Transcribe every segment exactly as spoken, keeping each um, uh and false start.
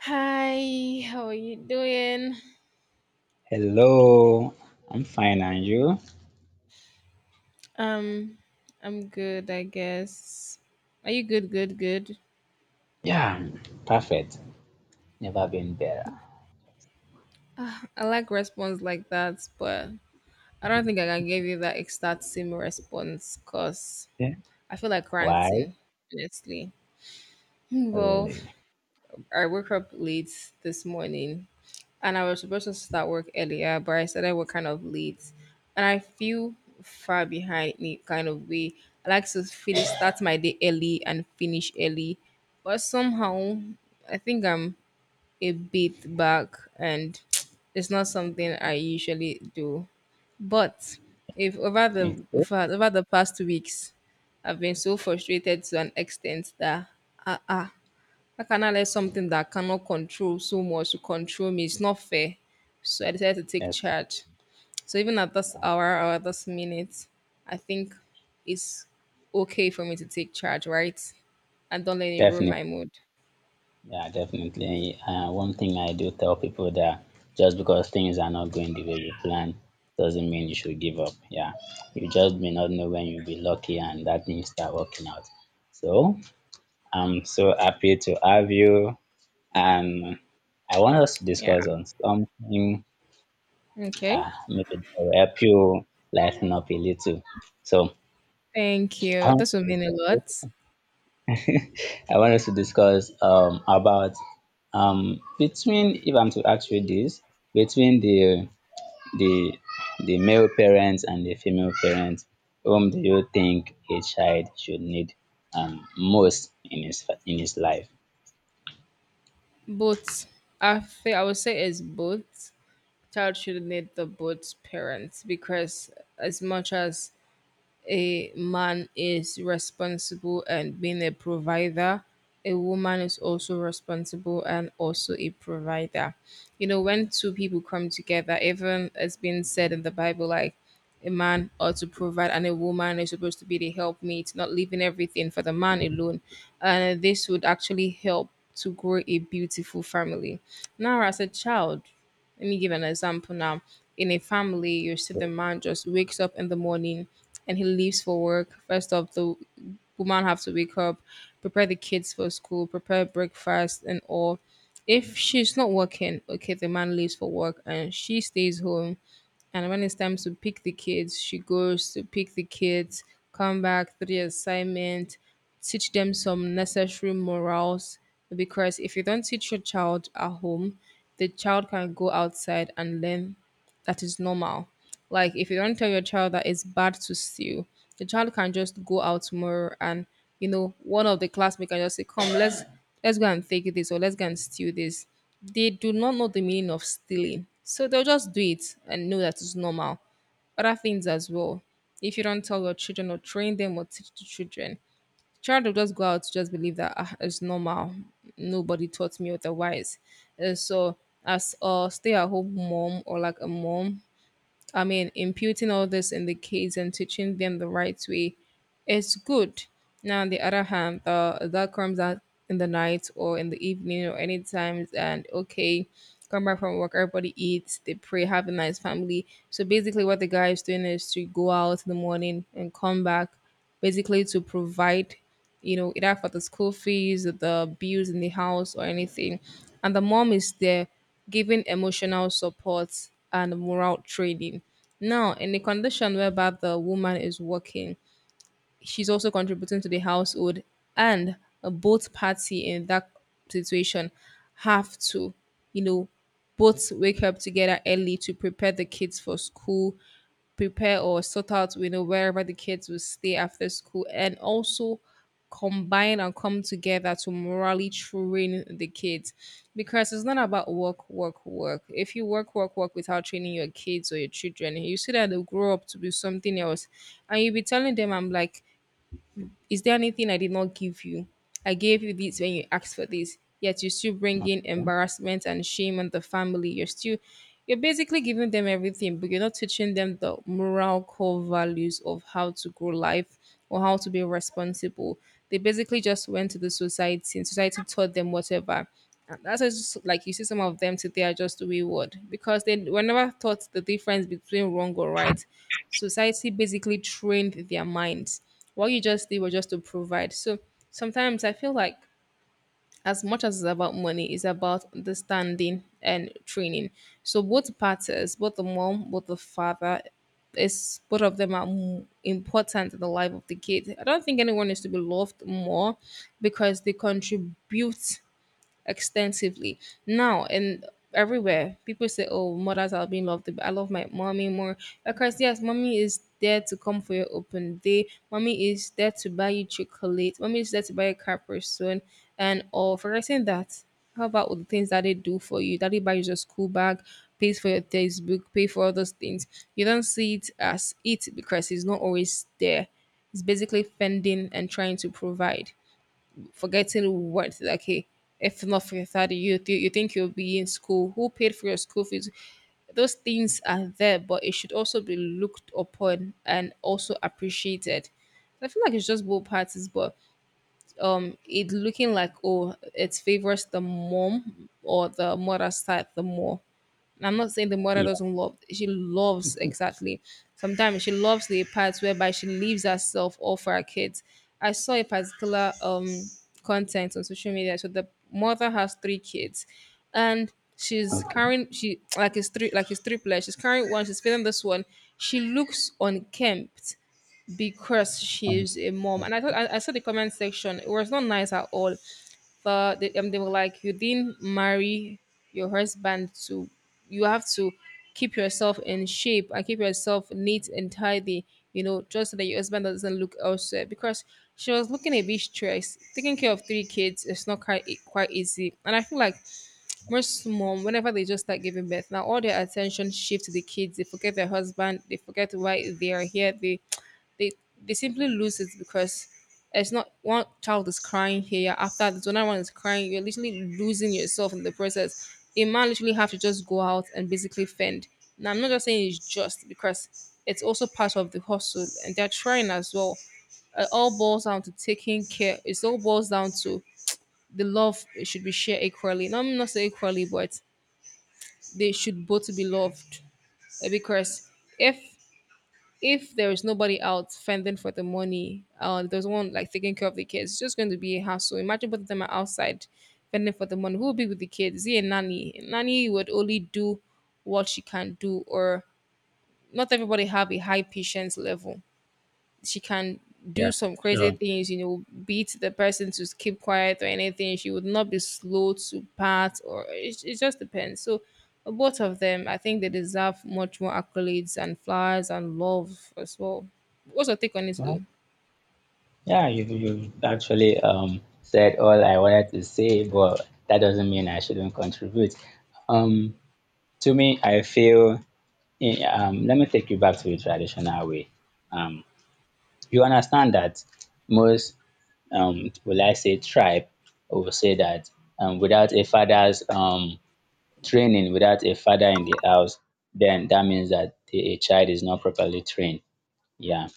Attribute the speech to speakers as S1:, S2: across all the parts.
S1: Hi, how are you doing?
S2: Hello, I'm fine, and you?
S1: Um, I'm good, I guess. Are you good, good, good?
S2: Yeah, I'm perfect. Never been better.
S1: Uh, I like response like that, but I don't think I can give you that exact same response because
S2: Yeah.
S1: I feel like
S2: Why?
S1: ranting, honestly. Well,
S2: Really?
S1: I woke up late this morning and I was supposed to start work earlier, but I started work kind of late. And I feel far behind in a kind of way. I like to finish start my day early and finish early. But somehow I think I'm a bit back and it's not something I usually do. But if over the
S2: It's good.
S1: if I- over the past two weeks I've been so frustrated to an extent that ah ah how can I let something that I cannot control so much to control me? It's not fair. So I decided to take
S2: Yeah,
S1: charge. So even at this hour or at this minute, I think it's okay for me to take charge, right? And don't let it ruin
S2: definitely.
S1: my mood.
S2: Yeah, definitely. Uh, one thing I do tell people that just because things are not going the way you plan doesn't mean you should give up. Yeah, you just may not know when you'll be lucky, and that things start working out. So I'm so happy to have you, and I want us to
S1: Yeah.
S2: discuss on something.
S1: Okay.
S2: Ah, make it will help you lighten up a little. So
S1: Thank
S2: I
S1: you.
S2: want
S1: This will mean a
S2: to
S1: lot.
S2: discuss, I want us to discuss um about um between if I'm to ask you this, between the the the male parents and the female parents, whom do you think a child should need um most in his in his life?
S1: But I feel I would say it's both. Child should need the both parents because as much as a man is responsible and being a provider, a woman is also responsible and also a provider. You know, when two people come together, even it's been said in the bible like a man ought to provide and a woman is supposed to be the helpmate, not leaving everything for the man alone. And this would actually help to grow a beautiful family. Now, as a child, let me give an example now. In a family, you see the man just wakes up in the morning and he leaves for work. First off, the woman have to wake up, prepare the kids for school, prepare breakfast and all. If she's not working, okay, the man leaves for work and she stays home, and when it's time to pick the kids, she goes to pick the kids, come back, do the assignment, teach them some necessary morals. Because if you don't teach your child at home, the child can go outside and learn that is normal. Like if you don't tell your child that it's bad to steal, the child can just go out tomorrow and, you know, one of the classmates can just say, "Come, let's let's go and take this, or let's go and steal this." They do not know the meaning of stealing, so they'll just do it and know that it's normal. Other things as well. If you don't tell your children or train them or teach the children, child will just go out to just believe that ah, it's normal. Nobody taught me otherwise. Uh, so as a stay-at-home mom or like a mom, I mean, imputing all this in the kids and teaching them the right way, it's good. Now, on the other hand, uh, that comes out in the night or in the evening or any times, and okay, come back from work, everybody eats, they pray, have a nice family. So basically, what the guy is doing is to go out in the morning and come back, basically to provide, you know, either for the school fees, the bills in the house, or anything. And the mom is there giving emotional support and moral training. Now, in the condition whereby the woman is working, she's also contributing to the household, and uh, both party in that situation have to, you know, both wake up together early to prepare the kids for school, prepare or sort out, you know, wherever the kids will stay after school, and also combine and come together to morally train the kids. Because it's not about work work work. If you work work work without training your kids or your children, you see that they'll grow up to be something else. And you'll be telling them, I'm like, is there anything I did not give you? I gave you this when you asked for this. Yet you still bring in embarrassment and shame on the family. You're still you're basically giving them everything, but you're not teaching them the moral core values of how to grow life or how to be responsible. They basically just went to the society and society taught them whatever. And that's why it's just like you see some of them today are just wayward because they were never taught the difference between wrong or right. Society basically trained their minds. What you just did was just to provide. So sometimes I feel like as much as it's about money, it's about understanding and training. So both parties, both the mom, both the father, is both of them are m- important in the life of the kid. I don't think anyone needs to be loved more because they contribute extensively now. And everywhere people say, oh, mothers are being loved, but I love my mommy more because yes, mommy is there to come for your open day, mommy is there to buy you chocolate, mommy is there to buy a car person and all, forgetting that how about all the things that they do for you, that they buy you your school bag, pays for your textbook, pay for all those things? You don't see it as it because it's not always there. It's basically fending and trying to provide, forgetting what. Okay, if not for your father you, th- you think you'll be in school? Who paid for your school fees? Those things are there, but it should also be looked upon and also appreciated. I feel like it's just both parties, but um, it looking like, oh, it favors the mom or the mother side the more. I'm not saying the mother
S2: Yeah.
S1: doesn't love. She loves exactly. Sometimes she loves the parts whereby she leaves herself all for her kids. I saw a particular um content on social media. So the mother has three kids, and she's
S2: Okay.
S1: carrying she like it's three, like it's three players. She's carrying one. She's feeding this one. She looks unkempt because
S2: Um,
S1: she's a mom.
S2: okay,
S1: And I thought I, I saw the comment section. It was not nice at all. But they, um, they were like, you didn't marry your husband to. You have to keep yourself in shape and keep yourself neat and tidy. You know, just so that your husband doesn't look elsewhere. Because she was looking a bit stressed. Taking care of three kids is not quite quite easy. And I feel like most mom, whenever they just start giving birth, now all their attention shifts to the kids. They forget their husband. They forget why they are here. They they they simply lose it because it's not one child is crying here, after this another one is crying, you're literally losing yourself in the process. A man literally have to just go out and basically fend. Now I'm not just saying it's just because it's also part of the hustle and they're trying as well. It all boils down to taking care, it all boils down to the love should be shared equally. Now, I'm not saying equally, but they should both be loved. Uh, Because if if there is nobody out fending for the money, uh, there's no one like taking care of the kids, it's just going to be a hassle. Imagine both of them are outside fending for the money. Who will be with the kids? Is he a nanny? Nanny would only do what she can do, or not everybody have a high patience level. She can do
S2: yeah.
S1: some crazy
S2: Sure.
S1: things, you know, beat the person to keep quiet or anything. She would not be slow to part, or it, it just depends. So, both of them, I think they deserve much more accolades and flowers and love as well. What's your take on it, though?
S2: Yeah, you you actually um said all I wanted to say, but that doesn't mean I shouldn't contribute. Um, to me, I feel eh, um let me take you back to the traditional way. Um, you understand that most um will I say tribe will say that um without a father's um training, without a father in the house, then that means that the, a child is not properly trained, yeah,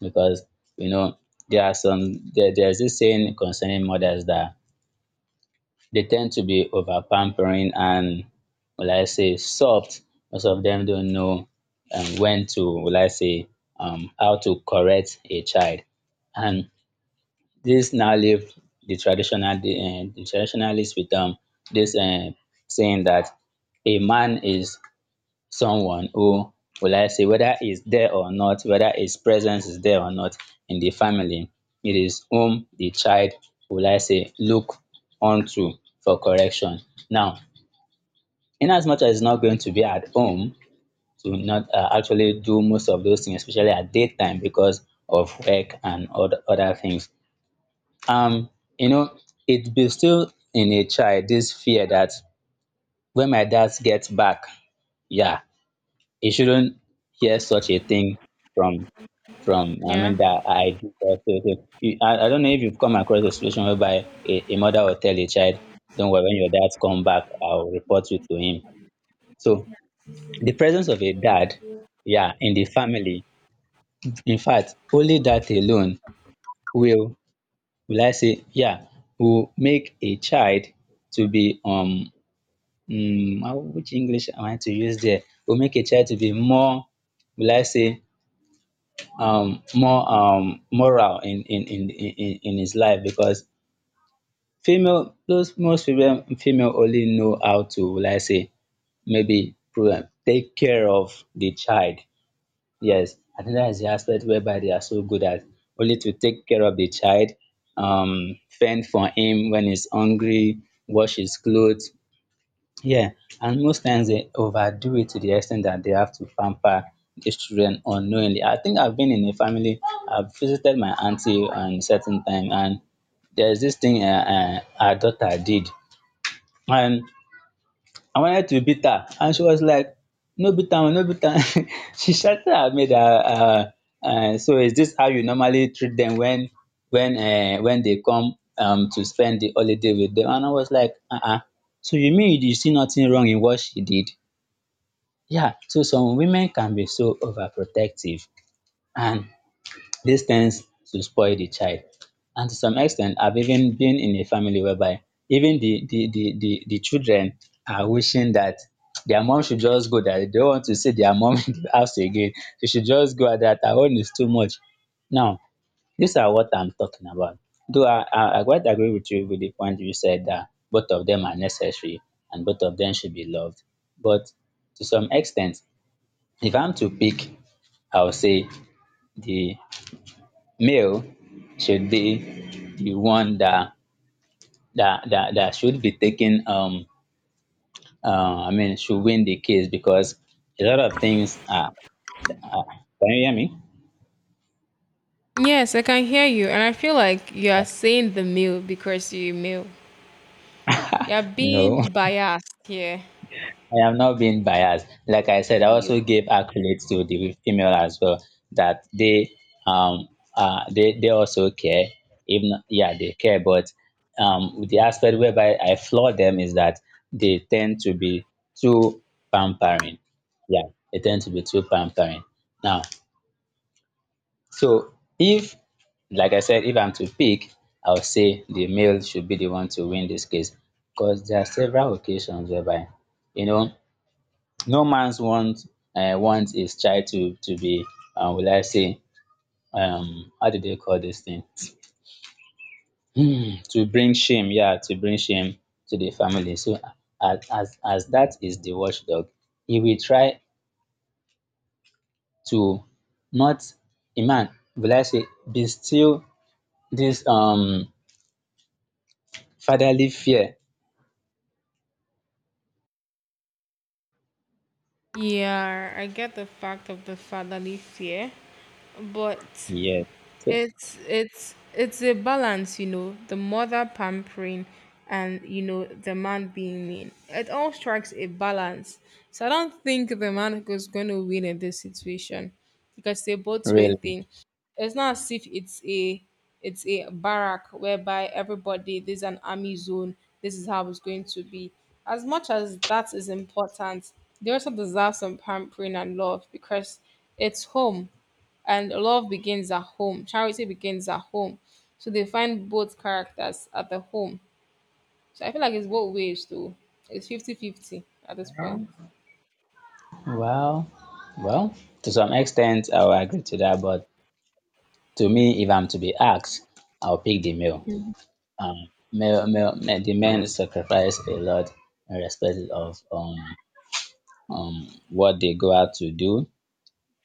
S2: because you know there are some there, there's this saying concerning mothers that they tend to be over pampering and will I say soft. Most of them don't know, um, when to will I say, um, how to correct a child, and this now leave the traditional the, uh, the traditionalists with um this uh, saying that a man is someone who will I say whether is there or not, whether his presence is there or not in the family. It is whom the child will I say look onto for correction. Now, in as much as he's not going to be at home to not uh, actually do most of those things, especially at daytime because of work and other other things. Um, you know, it be still in a child this fear that when my dad gets back, yeah, you shouldn't hear such a thing from from I
S1: Yeah.
S2: mean that I do that sort. You- I, I don't know if you've come across a situation whereby a, a mother will tell a child, "Don't worry, when your dad come back, I'll report you to him." So the presence of a dad, yeah, in the family, in fact, only that alone will will I say, yeah, will make a child to be um mm, how— which English am I to use there? Will make a child to be more will I say um more um moral in in in in in his life because female those most female female only know how to will I say maybe program take care of the child. Yes, I think that is the aspect whereby they are so good at, only to take care of the child, um fend for him when he's hungry, wash his clothes. Yeah, and most times they overdo it to the extent that they have to pamper these children unknowingly. I think I've been in a family, I've visited my auntie on a certain time, and there's this thing uh, uh, her daughter did. And I wanted to beat her and she was like, "No beat am, no beat am." She shouted at me that uh, uh, so is this how you normally treat them when when uh, when they come, um, to spend the holiday with them? And I was like, uh-uh. So you mean you see nothing wrong in what she did? Yeah, so some women can be so overprotective. And dis tends to spoil the child, and to some extent, i I've even been in a family whereby even the the the the the children are wishing that their mom should just go. That they don't want to see their mom in the house again. She should just go. That her own is too much. Now these are what I'm talking about. Though I I I quite agree with you with the point you said that both of them are necessary and both of them should be loved, but to some extent, if I'm to pick, I would say the male should be the one that that that, that should be taking um uh, I mean should win the case because a lot of things are, are can you hear me?
S1: Yes, I can hear you, and I feel like you are saying the male because you're male. You're
S2: No.
S1: being biased here.
S2: I am not being biased. Like I said, I
S1: You.
S2: also gave accolades to the female as well, that they um uh they, they also care. Even yeah, they care, but um the aspect whereby I flaw them is that they tend to be too pampering. Yeah, they tend to be too pampering. Now, so if like I said, if I'm to pick, I would say the male should be the one to win this case because there are several occasions whereby you know no mans want um want is child to to be, um will I say, um how do they call this thing, um to bring shame, yeah, to bring shame to the family. So as as as that is the watchdog, he will try to not— a man will I say distill this um fatherly fear.
S1: Yeah, I get the fact of the fatherly fear, but
S2: Yeah. So
S1: it's it's it's a balance. You know, the mother pampering, and you know, the man being mean, it all strikes a balance. So I don't think the man is going to win in this situation because they both way
S2: really?
S1: thing. It's not as if it's a, it's a barrack whereby everybody there's an army zone, this is how it's going to be. As much as that is important, they also deserve some pampering and love because it's home, and love begins at home. Charity begins at home. So they find both characters at the home. So I feel like it's both ways though. It's fifty-fifty at this point.
S2: Well, well, to some extent I will agree to that, but to me if I'm to be asked I will pick the male. um male male Men, the men sacrifice a lot in respect of um um what they go out to do.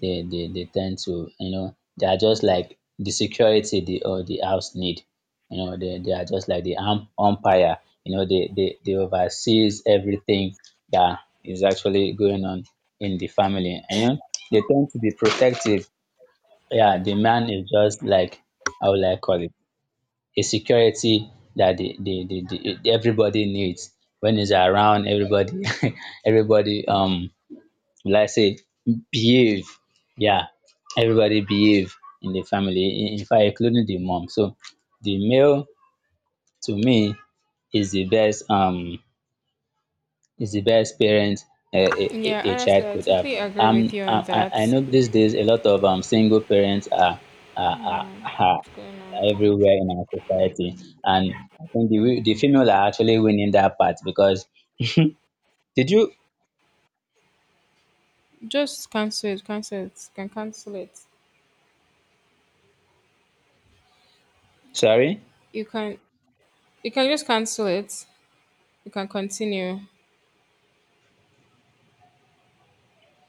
S2: They they they tend to, you know, they are just like the security the or the house need. You know, they they are just like the um umpire. You know, they they they oversees everything that is actually going on in the family. And you know they tend to be protective. Yeah, the man is just like, how will I call it? A security that the, the, the, the everybody needs. When he's around, everybody everybody um like say behave. Yeah, everybody behave in the family, in, in fact including the mom. So the male to me is the best um is the best parent a, a, a
S1: Yeah,
S2: a child
S1: honestly, I
S2: could have.
S1: totally agree with
S2: Um,
S1: you
S2: I,
S1: on that.
S2: I I
S1: What's
S2: know these days a lot of, um, single parents are, are, are, are
S1: going on?
S2: everywhere in our society, and I think the, wi- the female are actually winning that part because did you?
S1: Just cancel it, cancel it, you can cancel it.
S2: Sorry.
S1: You can you can just cancel it. You can continue.